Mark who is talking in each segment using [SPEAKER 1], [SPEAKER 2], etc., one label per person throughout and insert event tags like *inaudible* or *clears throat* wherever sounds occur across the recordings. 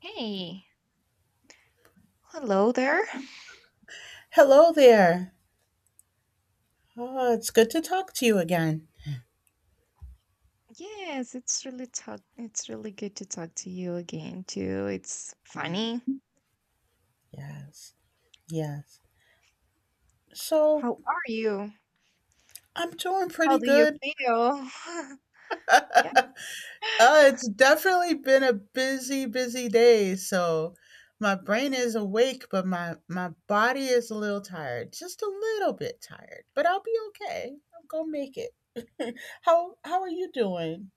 [SPEAKER 1] Hey, hello there.
[SPEAKER 2] Hello there. Oh, it's good to talk to you again.
[SPEAKER 1] Yes, it's really good to talk to you again too. It's funny.
[SPEAKER 2] Yes, yes. So
[SPEAKER 1] How are you?
[SPEAKER 2] I'm doing
[SPEAKER 1] How
[SPEAKER 2] pretty
[SPEAKER 1] do you
[SPEAKER 2] good.
[SPEAKER 1] feel? *laughs* Yeah.
[SPEAKER 2] It's definitely been a busy, busy day. So my brain is awake, but my body is a little tired, just a little bit tired. But I'll be okay. I'm gonna make it. *laughs* How are you doing?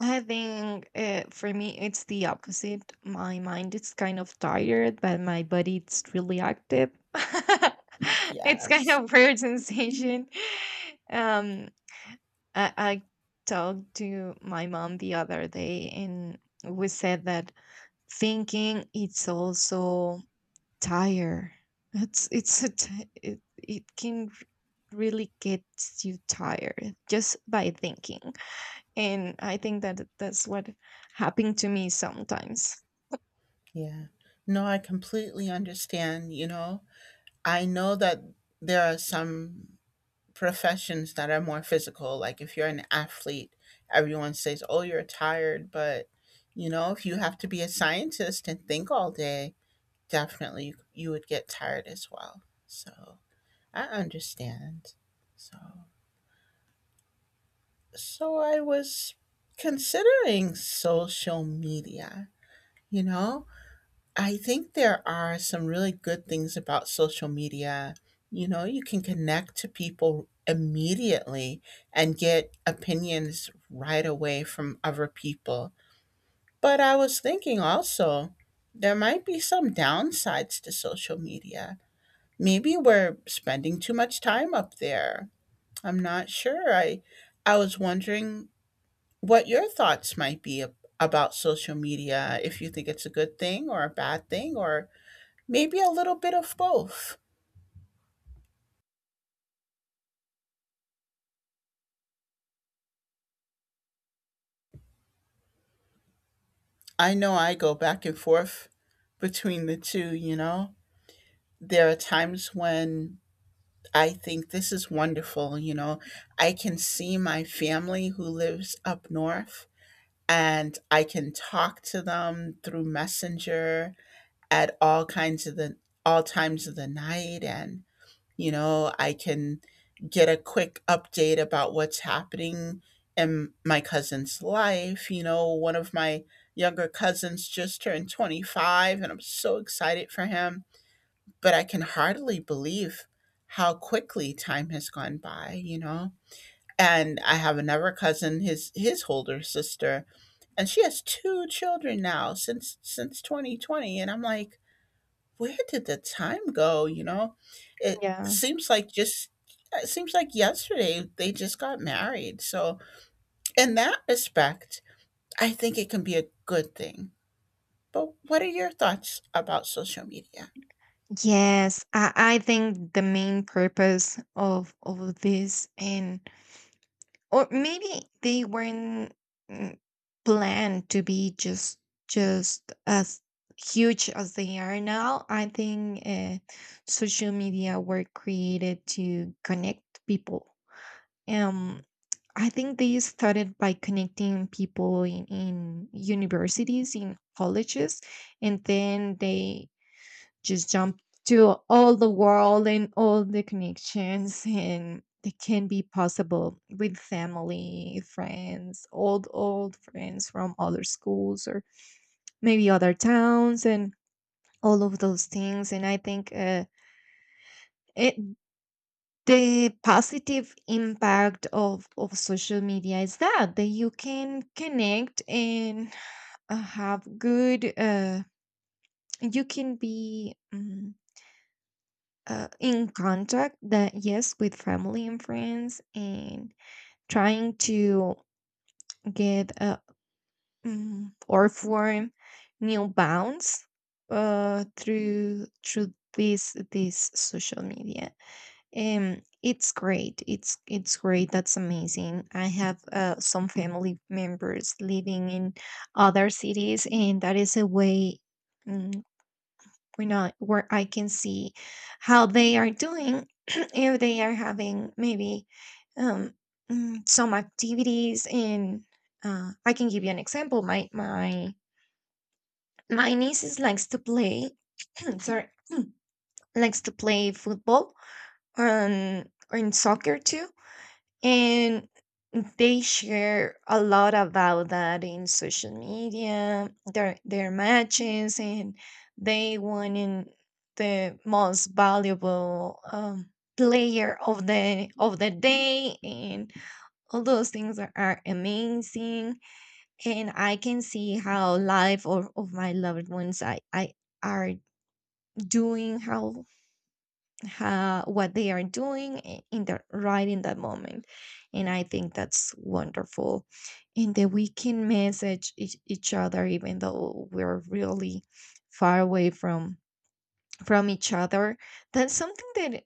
[SPEAKER 1] I think for me it's the opposite. My mind is kind of tired, but my body it's really active. *laughs* It's kind
[SPEAKER 2] Yes.
[SPEAKER 1] of weird sensation. Um, I talked to my mom the other day, and we said that thinking it's also tired. It's it's a ti- it, it can r- really get you tired just by thinking, and I think that's what happened to me sometimes.
[SPEAKER 2] Yeah. No, I completely understand, you know. I know that there are some professions that are more physical. Like if you're an athlete, everyone says, "Oh, you're tired," but you know, if you have to be a scientist and think all day, definitely you would get tired as well. So I understand. So so I was considering social media. You know, I think there are some really good things about social media. You know, you can connect to people immediately and get opinions right away from other people. But I was thinking also, there might be some downsides to social media. Maybe we're spending too much time up there. I'm not sure. I was wondering what your thoughts might be about social media, if you think it's a good thing or a bad thing or maybe a little bit of both. I know I go back and forth between the two, you know. There are times when I think this is wonderful, you know. I can see my family who lives up north and I can talk to them through Messenger at all times of the night. And you know, I can get a quick update about what's happening in my cousin's life. You know, one of my younger cousins just turned 25 and I'm so excited for him, but I can hardly believe how quickly time has gone by, you know. And I have another cousin, his older sister, and she has two children now since 2020, and I'm like, where did the time go? You know, it
[SPEAKER 1] Yeah.
[SPEAKER 2] seems like just it seems like yesterday they just got married. So, in that respect, I think it can be a good thing. But what are your thoughts about social media?
[SPEAKER 1] Yes, I think the main purpose of this, and or maybe they weren't mm, planned to be just as huge as they are now. I think social media were created to connect people. um I think they started by connecting people in universities, in colleges, and then they just jump to all the world, and all the connections, and that can be possible with family, friends, old friends from other schools or maybe other towns, and all of those things. And I think, it the positive impact of social media is that you can connect, and have good, you can be in contact, that yes, with family and friends, and trying to get or form new bonds through this social media. It's great. That's amazing. I have some family members living in other cities, and that is a way, mm, where not where I can see how they are doing *clears throat* if they are having maybe um, some activities, and I can give you an example. My nieces likes to play *clears throat* sorry, likes to play football, and or in soccer too. And they share a lot about that in social media, their matches, and they won in the most valuable player of the day, and all those things are amazing. And I can see how life of my loved ones I are doing, what they are doing, I- in the right in that moment, and I think that's wonderful, and that we can message each other, even though we're really far away from each other. That's something that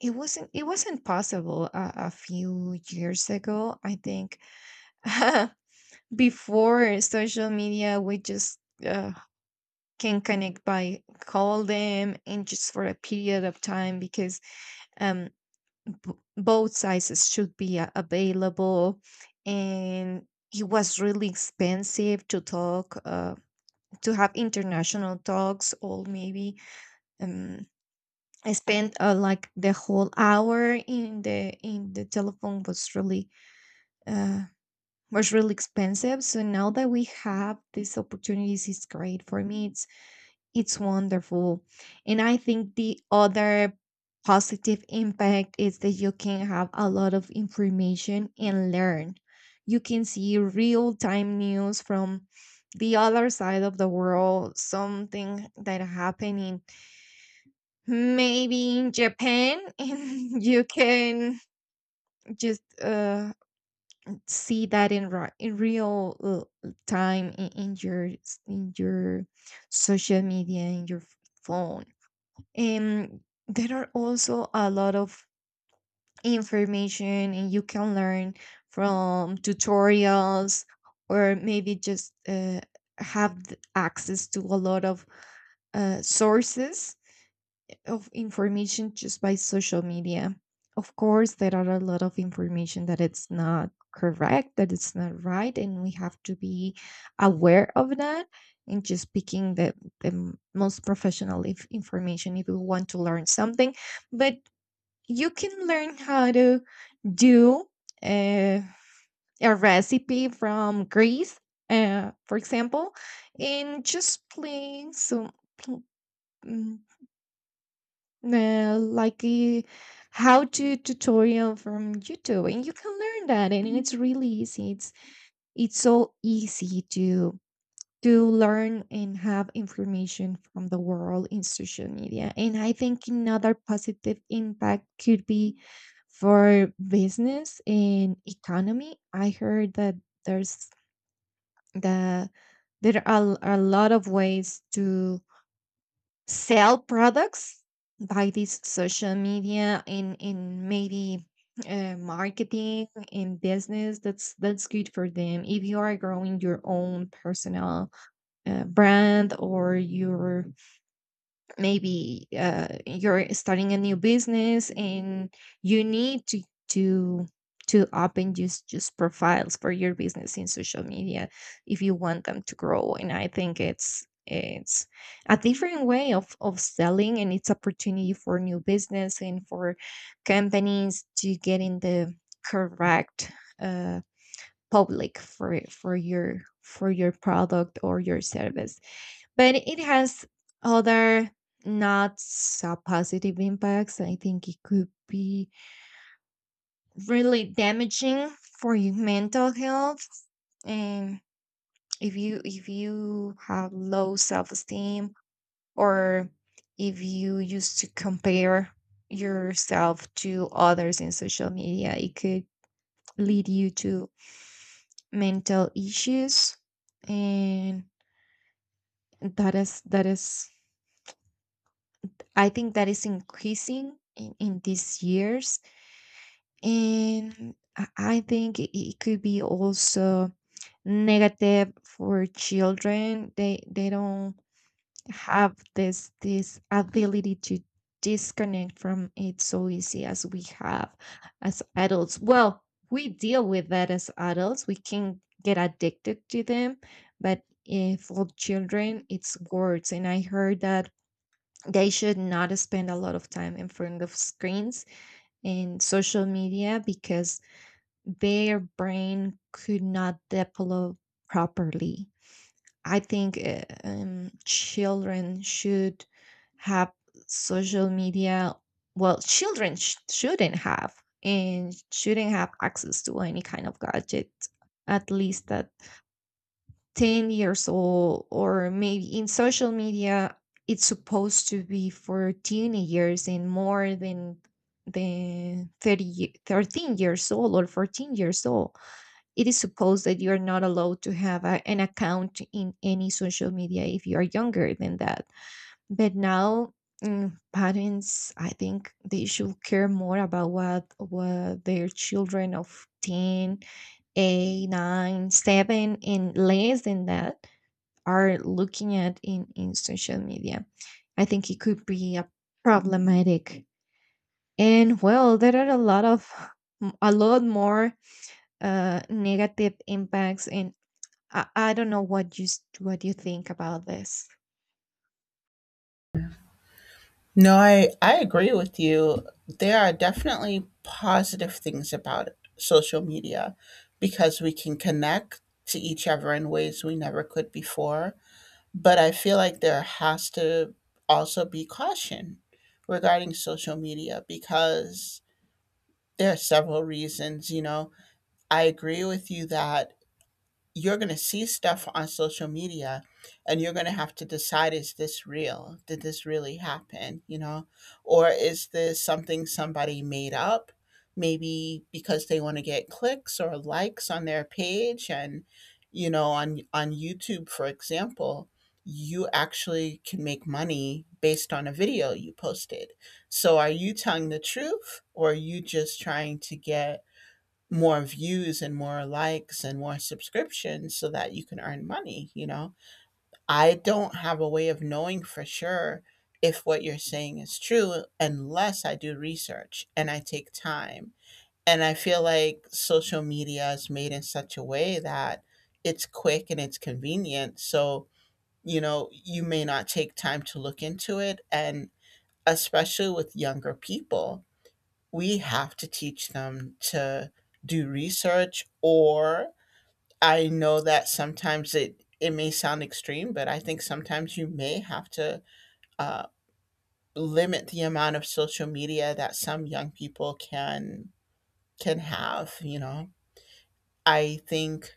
[SPEAKER 1] it wasn't possible a few years ago, I think. *laughs* Before social media, we just uh, can connect by call them, and just for a period of time because um both sizes should be available, and it was really expensive to talk, to have international talks, or maybe um, I spent, like, the whole hour in the telephone, was really uh, expensive. So now that we have these opportunities, it's great for me, it's wonderful. And I think the other positive impact is that you can have a lot of information and learn. You can see real time news from the other side of the world, something that happening maybe in Japan, *laughs* and you can just see that in real time, in your social media, in your phone, and there are also a lot of information, and you can learn from tutorials, or maybe just have access to a lot of sources of information just by social media. Of course, there are a lot of information that it's not correct, that it's not right, and we have to be aware of that, and just picking the most professional if information if you want to learn something. But you can learn how to do uh, a recipe from Greece, for example, and just playing some like a how to tutorial from YouTube, and you can learn that, and it's really easy. it's so easy to learn and have information from the world in social media. And I think another positive impact could be for business and economy. I heard that there's the there are a lot of ways to sell products by this social media in maybe marketing, in business. That's good for them if you are growing your own personal brand, or your maybe you're starting a new business, and you need to to to open just profiles for your business in social media if you want them to grow. And I think it's a different way of selling, and it's opportunity for new business and for companies to get in the correct uh, public for your product or your service. But it has other not so positive impacts. I think it could be really damaging for your mental health. And if you have low self-esteem, or if you used to compare yourself to others in social media, it could lead you to mental issues. And that is I think that is increasing in these years. And I think it could be also negative for children. They don't have this ability to disconnect from it so easy as we have as adults. Well, we deal with that as adults. We can get addicted to them, but for children, it's worse. And I heard that they should not spend a lot of time in front of screens and social media because their brain could not develop properly. I think children should have social media. Well, children shouldn't have access to any kind of gadget, at least at 10 years old, or maybe in social media it's supposed to be for teenagers and more than the 13 years old or 14 years old, it is supposed that you are not allowed to have an account in any social media if you are younger than that. But now, parents, I think they should care more about what their children of 10, 8, 9, 7, and less than that are looking at in social media. I think it could be a problematic. And well, there are a lot more negative impacts, and I don't know what you think about this.
[SPEAKER 2] No, I agree with you. There are definitely positive things about social media because we can connect to each other in ways we never could before. But I feel like there has to also be caution regarding social media because there are several reasons. You know, I agree with you that you're going to see stuff on social media and you're going to have to decide, is this real? Did this really happen, you know, or is this something somebody made up, maybe because they want to get clicks or likes on their page? And you know, on YouTube, for example, you actually can make money based on a video you posted. So are you telling the truth, or are you just trying to get more views and more likes and more subscriptions so that you can earn money, you know? I don't have a way of knowing for sure if what you're saying is true unless I do research and I take time. And I feel like social media is made in such a way that it's quick and it's convenient. So, you know, you may not take time to look into it. And especially with younger people, we have to teach them to do research. Or I know that sometimes it may sound extreme, but I think sometimes you may have to uh, limit the amount of social media that some young people can have, you know. I think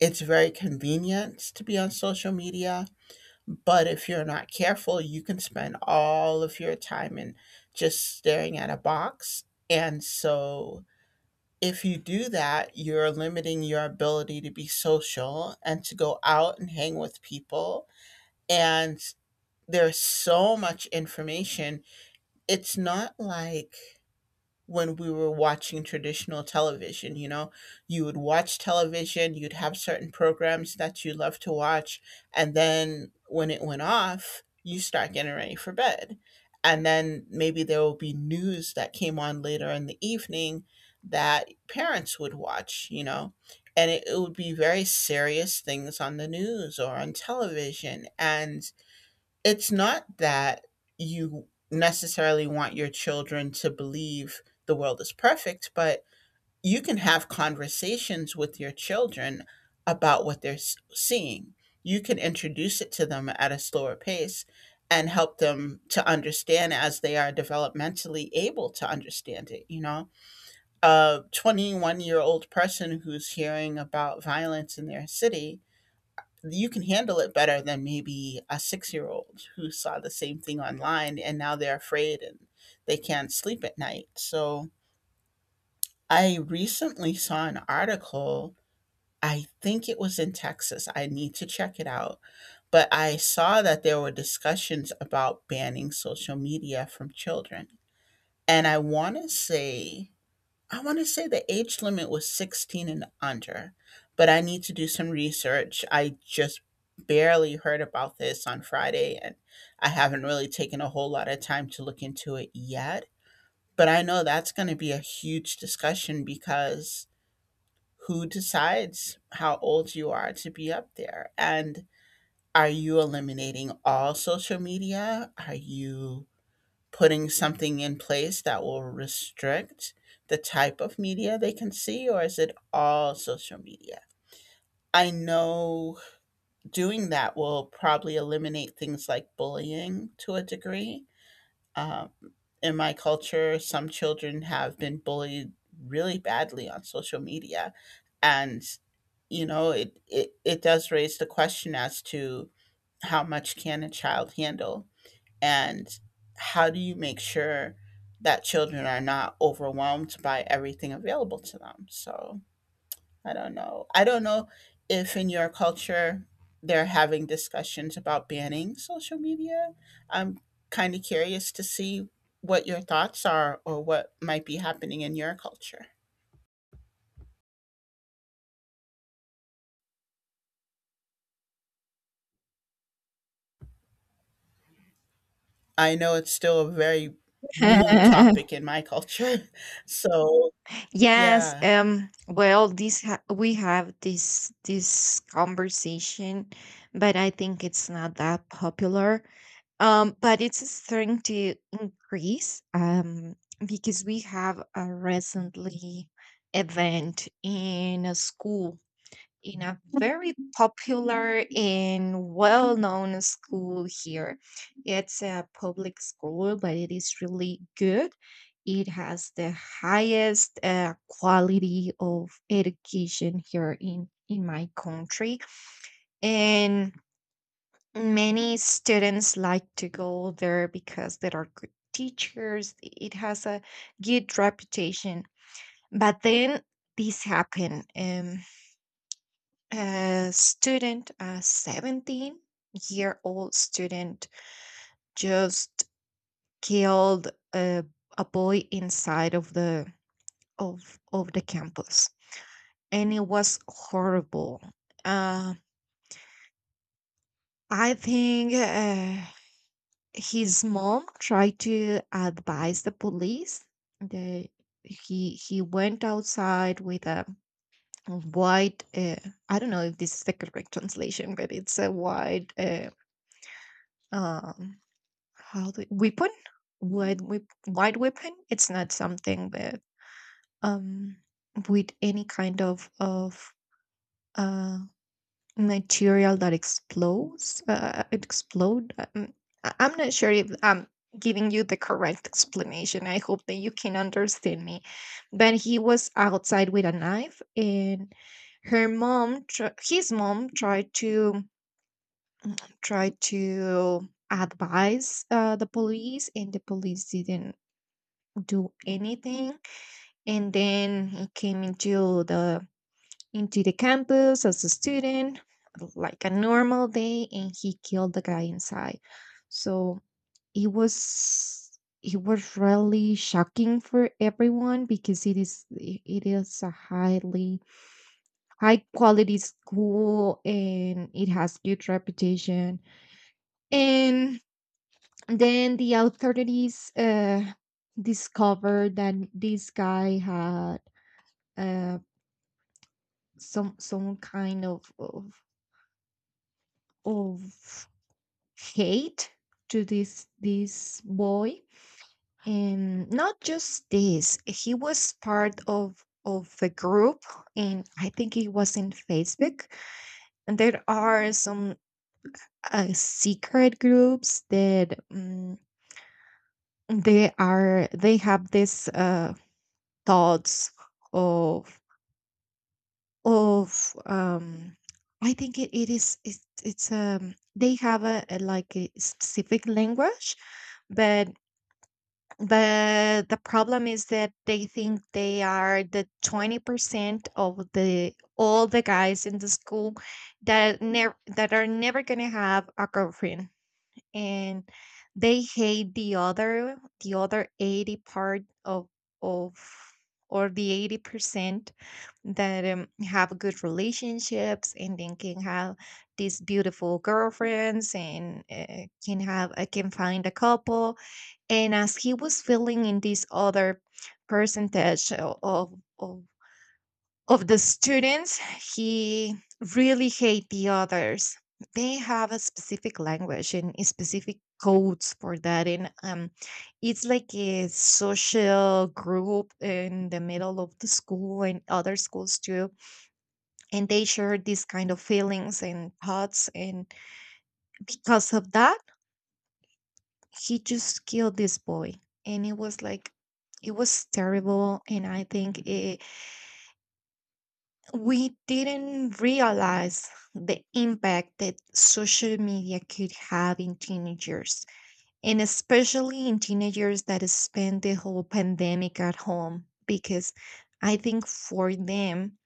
[SPEAKER 2] it's very convenient to be on social media, but if you're not careful, you can spend all of your time in just staring at a box. And so if you do that, you're limiting your ability to be social and to go out and hang with people. And there's so much information. It's not like when we were watching traditional television. You know, you would watch television, you'd have certain programs that you love to watch, and then when it went off, you start getting ready for bed. And then maybe there will be news that came on later in the evening that parents would watch, you know, and it would be very serious things on the news or on television. And it's not that you necessarily want your children to believe the world is perfect, but you can have conversations with your children about what they're seeing. You can introduce it to them at a slower pace and help them to understand as they are developmentally able to understand it. You know, a 21-year-old year old person who's hearing about violence in their city, you can handle it better than maybe a 6-year-old old who saw the same thing online and now they're afraid and they can't sleep at night. So I recently saw an article, I think it was in Texas. I need to check it out. But I saw that there were discussions about banning social media from children. And I want to say the age limit was 16 and under, but I need to do some research. I just barely heard about this on Friday, and I haven't really taken a whole lot of time to look into it yet. But I know that's going to be a huge discussion because who decides how old you are to be up there? And are you eliminating all social media? Are you putting something in place that will restrict the type of media they can see, or is it all social media? I know doing that will probably eliminate things like bullying to a degree. Um, in my culture, some children have been bullied really badly on social media. And, you know, it does raise the question as to how much can a child handle, and how do you make sure that children are not overwhelmed by everything available to them? So I don't know if in your culture they're having discussions about banning social media. I'm kind of curious to see what your thoughts are or what might be happening in your culture. I know it's still a very
[SPEAKER 1] *laughs*
[SPEAKER 2] new topic in my culture. *laughs* So
[SPEAKER 1] Yes,
[SPEAKER 2] yeah,
[SPEAKER 1] well, we have this conversation, but I think it's not that popular. But it's starting to increase because we have a recently event in a school, in a very popular and well-known school here. It's a public school, but it is really good. It has the highest quality of education here in my country, and many students like to go there because there are good teachers. It has a good reputation. But then this happened. A student, a 17-year-old student, just killed a, a boy inside of the campus, and it was horrible. Uh, I think. His mom tried to advise the police. The he went outside with a white. I don't know if this is the correct *laughs* translation, but it's a white. Um, how do weapon? White whip, white weapon. It's not something that um with any kind of uh material that explodes, it explode I'm not sure if I'm giving you the correct explanation. I hope that you can understand me. But he was outside with a knife, and his mom tried to tried to advise the police, and the police didn't do anything. And then he came into the campus as a student, like a normal day, and he killed the guy inside. So it was it was really shocking for everyone because it is a highly high quality school, and it has good reputation. And then the authorities discovered that this guy had uh, some kind of hate to this boy. And not just this, he was part of a group, and I think it was in Facebook. And there are some secret groups that they have this thoughts of of I think it, it is it's they have a like a specific language. But the problem is that they think they are the 20% of the all the guys in the school that never that are never going to have a girlfriend, and they hate the other 80 part of or the 80% that have good relationships and then can have these beautiful girlfriends, and can have can find a couple. And as he was filling in this other percentage of, of the students, he really hate the others. They have a specific language and a specific codes for that. And it's like a social group in the middle of the school and other schools too, and they shared these kind of feelings and thoughts, and because of that he just killed this boy. And it was like it was terrible. And we didn't realize the impact that social media could have in teenagers, and especially in teenagers that spend the whole pandemic at home. Because I think for them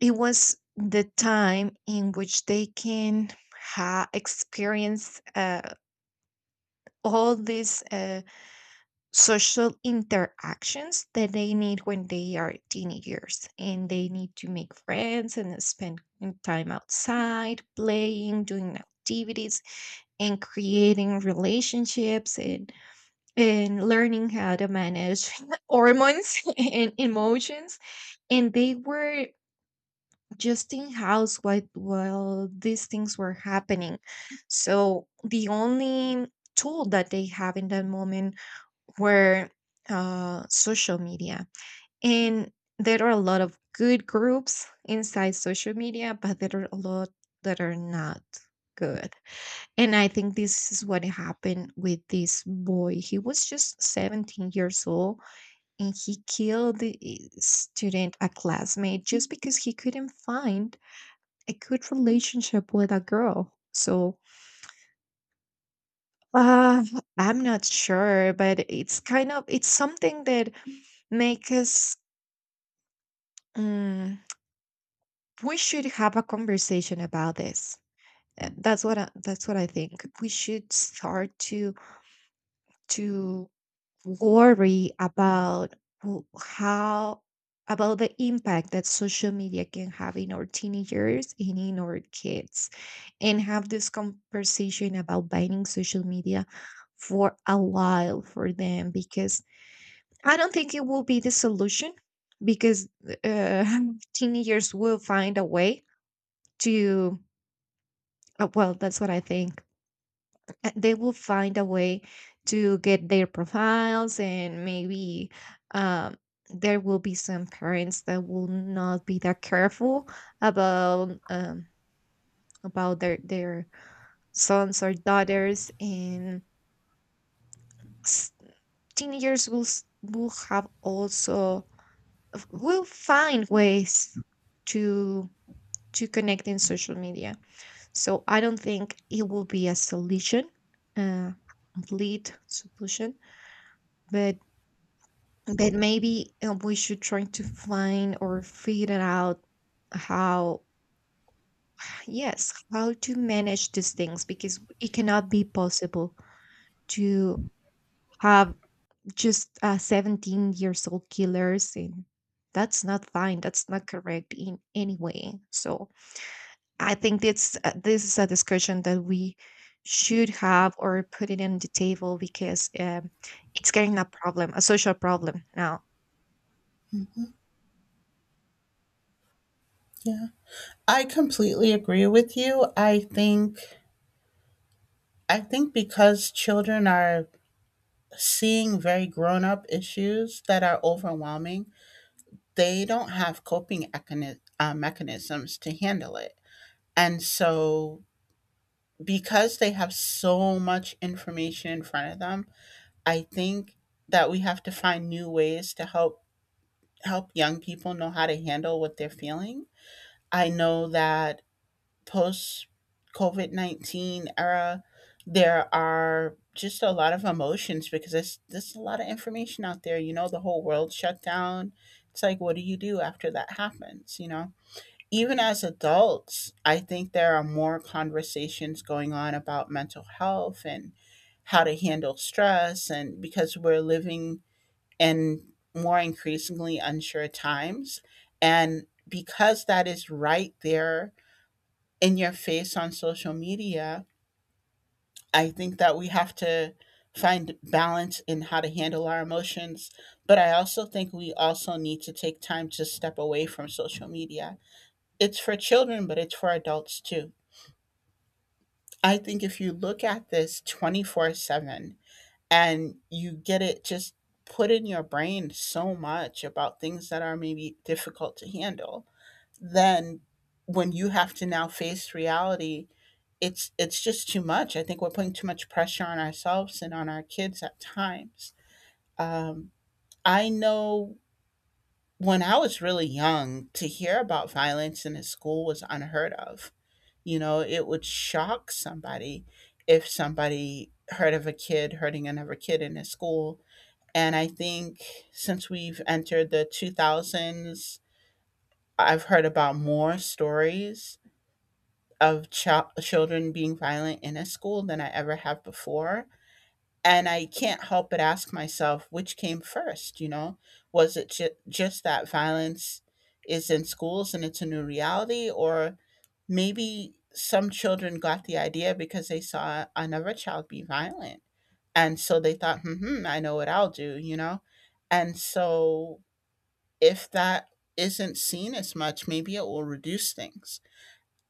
[SPEAKER 1] it was the time in which they can experience all these social interactions that they need when they are teenagers, and they need to make friends and spend time outside playing, doing activities, and creating relationships, and learning how to manage *laughs* hormones *laughs* and emotions. And they were just in house while these things were happening. So the only tool that they have in that moment were social media. And there are a lot of good groups inside social media, but there are a lot that are not good. And I think this is what happened with this boy. He was just 17 years old, and he killed the student, a classmate, just because he couldn't find a good relationship with a girl. So uh, I'm not sure, but it's kind of it's something that makes us. mm, we should have a conversation about this. That's what that's what I think. We should start to worry about w- how about the impact that social media can have in our teenagers and in our kids, and have this conversation about banning social media for a while for them. Because I don't think it will be the solution, because uh, *laughs* teenagers will find a way to, well, that's what I think. They will find a way to get their profiles. And maybe um, there will be some parents that will not be that careful about um, about their sons or daughters. And s- teenagers will will have also will find ways to to connect in social media. So I don't think it will be a solution, a complete solution, but maybe we should try to find or figure out how yes how to manage these things, because it cannot be possible to have just 17 years old killers. And that's not fine, that's not correct in any way. So I think it's this is a discussion that we should have or put it on the table, because it's getting a problem, a social problem now.
[SPEAKER 2] yeah, I completely agree with you. I think because children are seeing very grown up issues that are overwhelming, they don't have coping mechanisms to handle it. And so, because they have so much information in front of them, I think that we have to find new ways to help young people know how to handle what they're feeling. I know that post COVID COVID-19 era, there are just a lot of emotions because there's a lot of information out there. You know, the whole world shut down. It's like, what do you do after that happens? You know, even as adults, I think there are more conversations going on about mental health and how to handle stress. And because we're living in more increasingly unsure times. And because that is right there in your face on social media, I think that we have to find balance in how to handle our emotions. But I also think we also need to take time to step away from social media. It's for children, but it's for adults too. I think if you look at this 24/7 and you get it just put in your brain so much about things that are maybe difficult to handle, then when you have to now face reality, it's just too much. I think we're putting too much pressure on ourselves and on our kids at times. Um, I know when I was really young, to hear about violence in a school was unheard of. You know, it would shock somebody if somebody heard of a kid hurting another kid in a school. And I think since we've entered the 2000s, I've heard about more stories of children being violent in a school than I ever have before. And I can't help but ask myself, which came first? You know, was it just that violence is in schools and it's a new reality? Or maybe some children got the idea because they saw another child be violent. And so they thought, hmm, I know what I'll do, you know? And so if that isn't seen as much, maybe it will reduce things.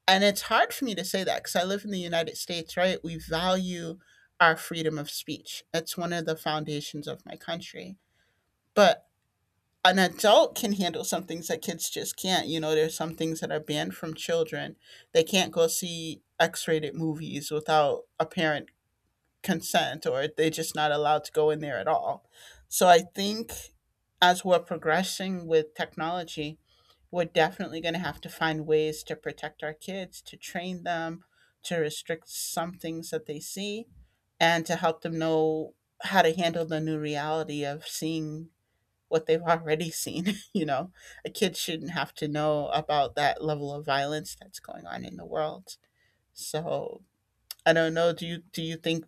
[SPEAKER 2] And it's hard for me to say that because I live in the United States, right? We value our freedom of speech. It's one of the foundations of my country. But an adult can handle some things that kids just can't. You know, there's some things that are banned from children. They can't go see X rated movies without a parent consent, or they're just not allowed to go in there at all. So I think as we're progressing with technology, we're definitely going to have to find ways to protect our kids, to train them, to restrict some things that they see, and to help them know how to handle the new reality of seeing what they've already seen. *laughs* You know, a kid shouldn't have to know about that level of violence that's going on in the world. So I don't know. Do you think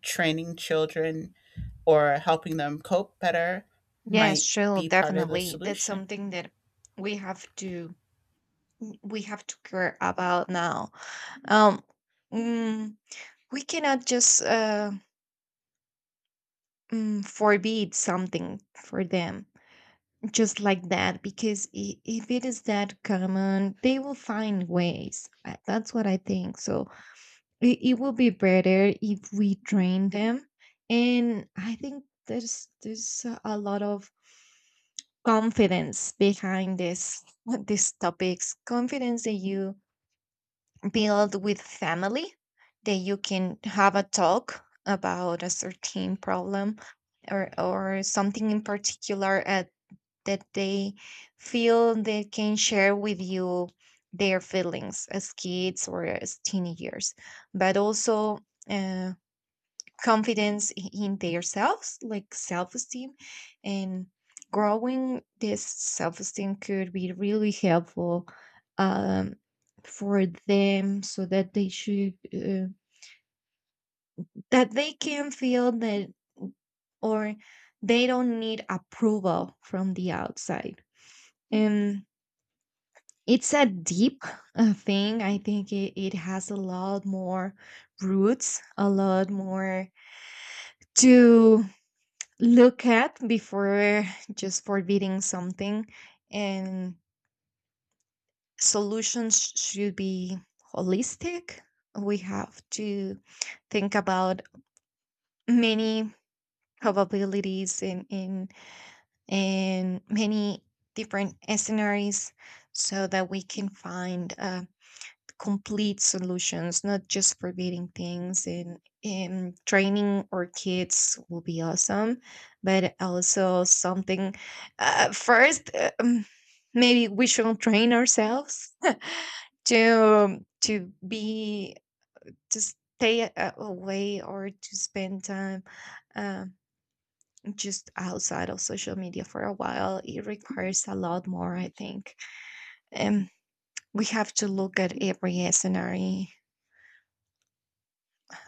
[SPEAKER 2] training children or helping them cope better
[SPEAKER 1] Yes,
[SPEAKER 2] might
[SPEAKER 1] sure,
[SPEAKER 2] be part of the
[SPEAKER 1] definitely, that's
[SPEAKER 2] solution?
[SPEAKER 1] something that we have to we have to care about now. um mm, we cannot just forbid something for them just like that, because if it is that common they will find ways. That's what I think. So it will be better if we train them. And I think there's a lot of confidence behind this *laughs* these topics, confidence that you build with family, that you can have a talk about a certain problem or something in particular at that they feel they can share with you their feelings as kids or as teenagers. But also uh, confidence in themselves, like self esteem. And growing this self esteem could be really helpful um, for them, so that they should, that they can feel that, or they don't need approval from the outside. It's a deep thing. I think it has a lot more roots, a lot more to look at before just forbidding something. And solutions should be holistic. We have to think about many probabilities, and many different scenarios, so that we can find a complete solutions, not just forbidding things. And training our kids will be awesome. But also something first, maybe we should train ourselves *laughs* to be to stay away, or to spend time um, just outside of social media for a while. It requires a lot more, I think. Um, we have to look at every scenario.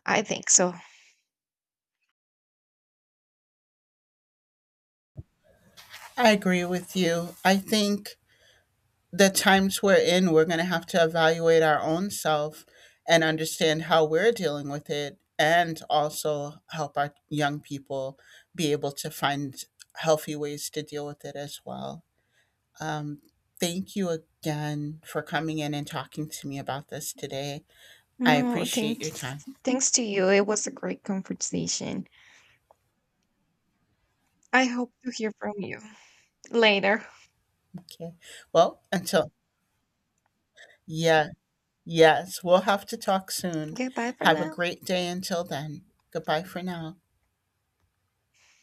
[SPEAKER 1] I think so.
[SPEAKER 2] I agree with you. I think the times we're in, we're going to have to evaluate our own self and understand how we're dealing with it, and also help our young people be able to find healthy ways to deal with it as well. Um, thank you again for coming in and talking to me about this today. I
[SPEAKER 1] No,
[SPEAKER 2] appreciate
[SPEAKER 1] thank
[SPEAKER 2] your time.
[SPEAKER 1] Thanks to you. It was a great conversation. I hope to hear from you later.
[SPEAKER 2] Okay. Well, until yeah, yes, we'll have to talk soon.
[SPEAKER 1] Goodbye for
[SPEAKER 2] Have a
[SPEAKER 1] now.
[SPEAKER 2] great day until then. Goodbye for now.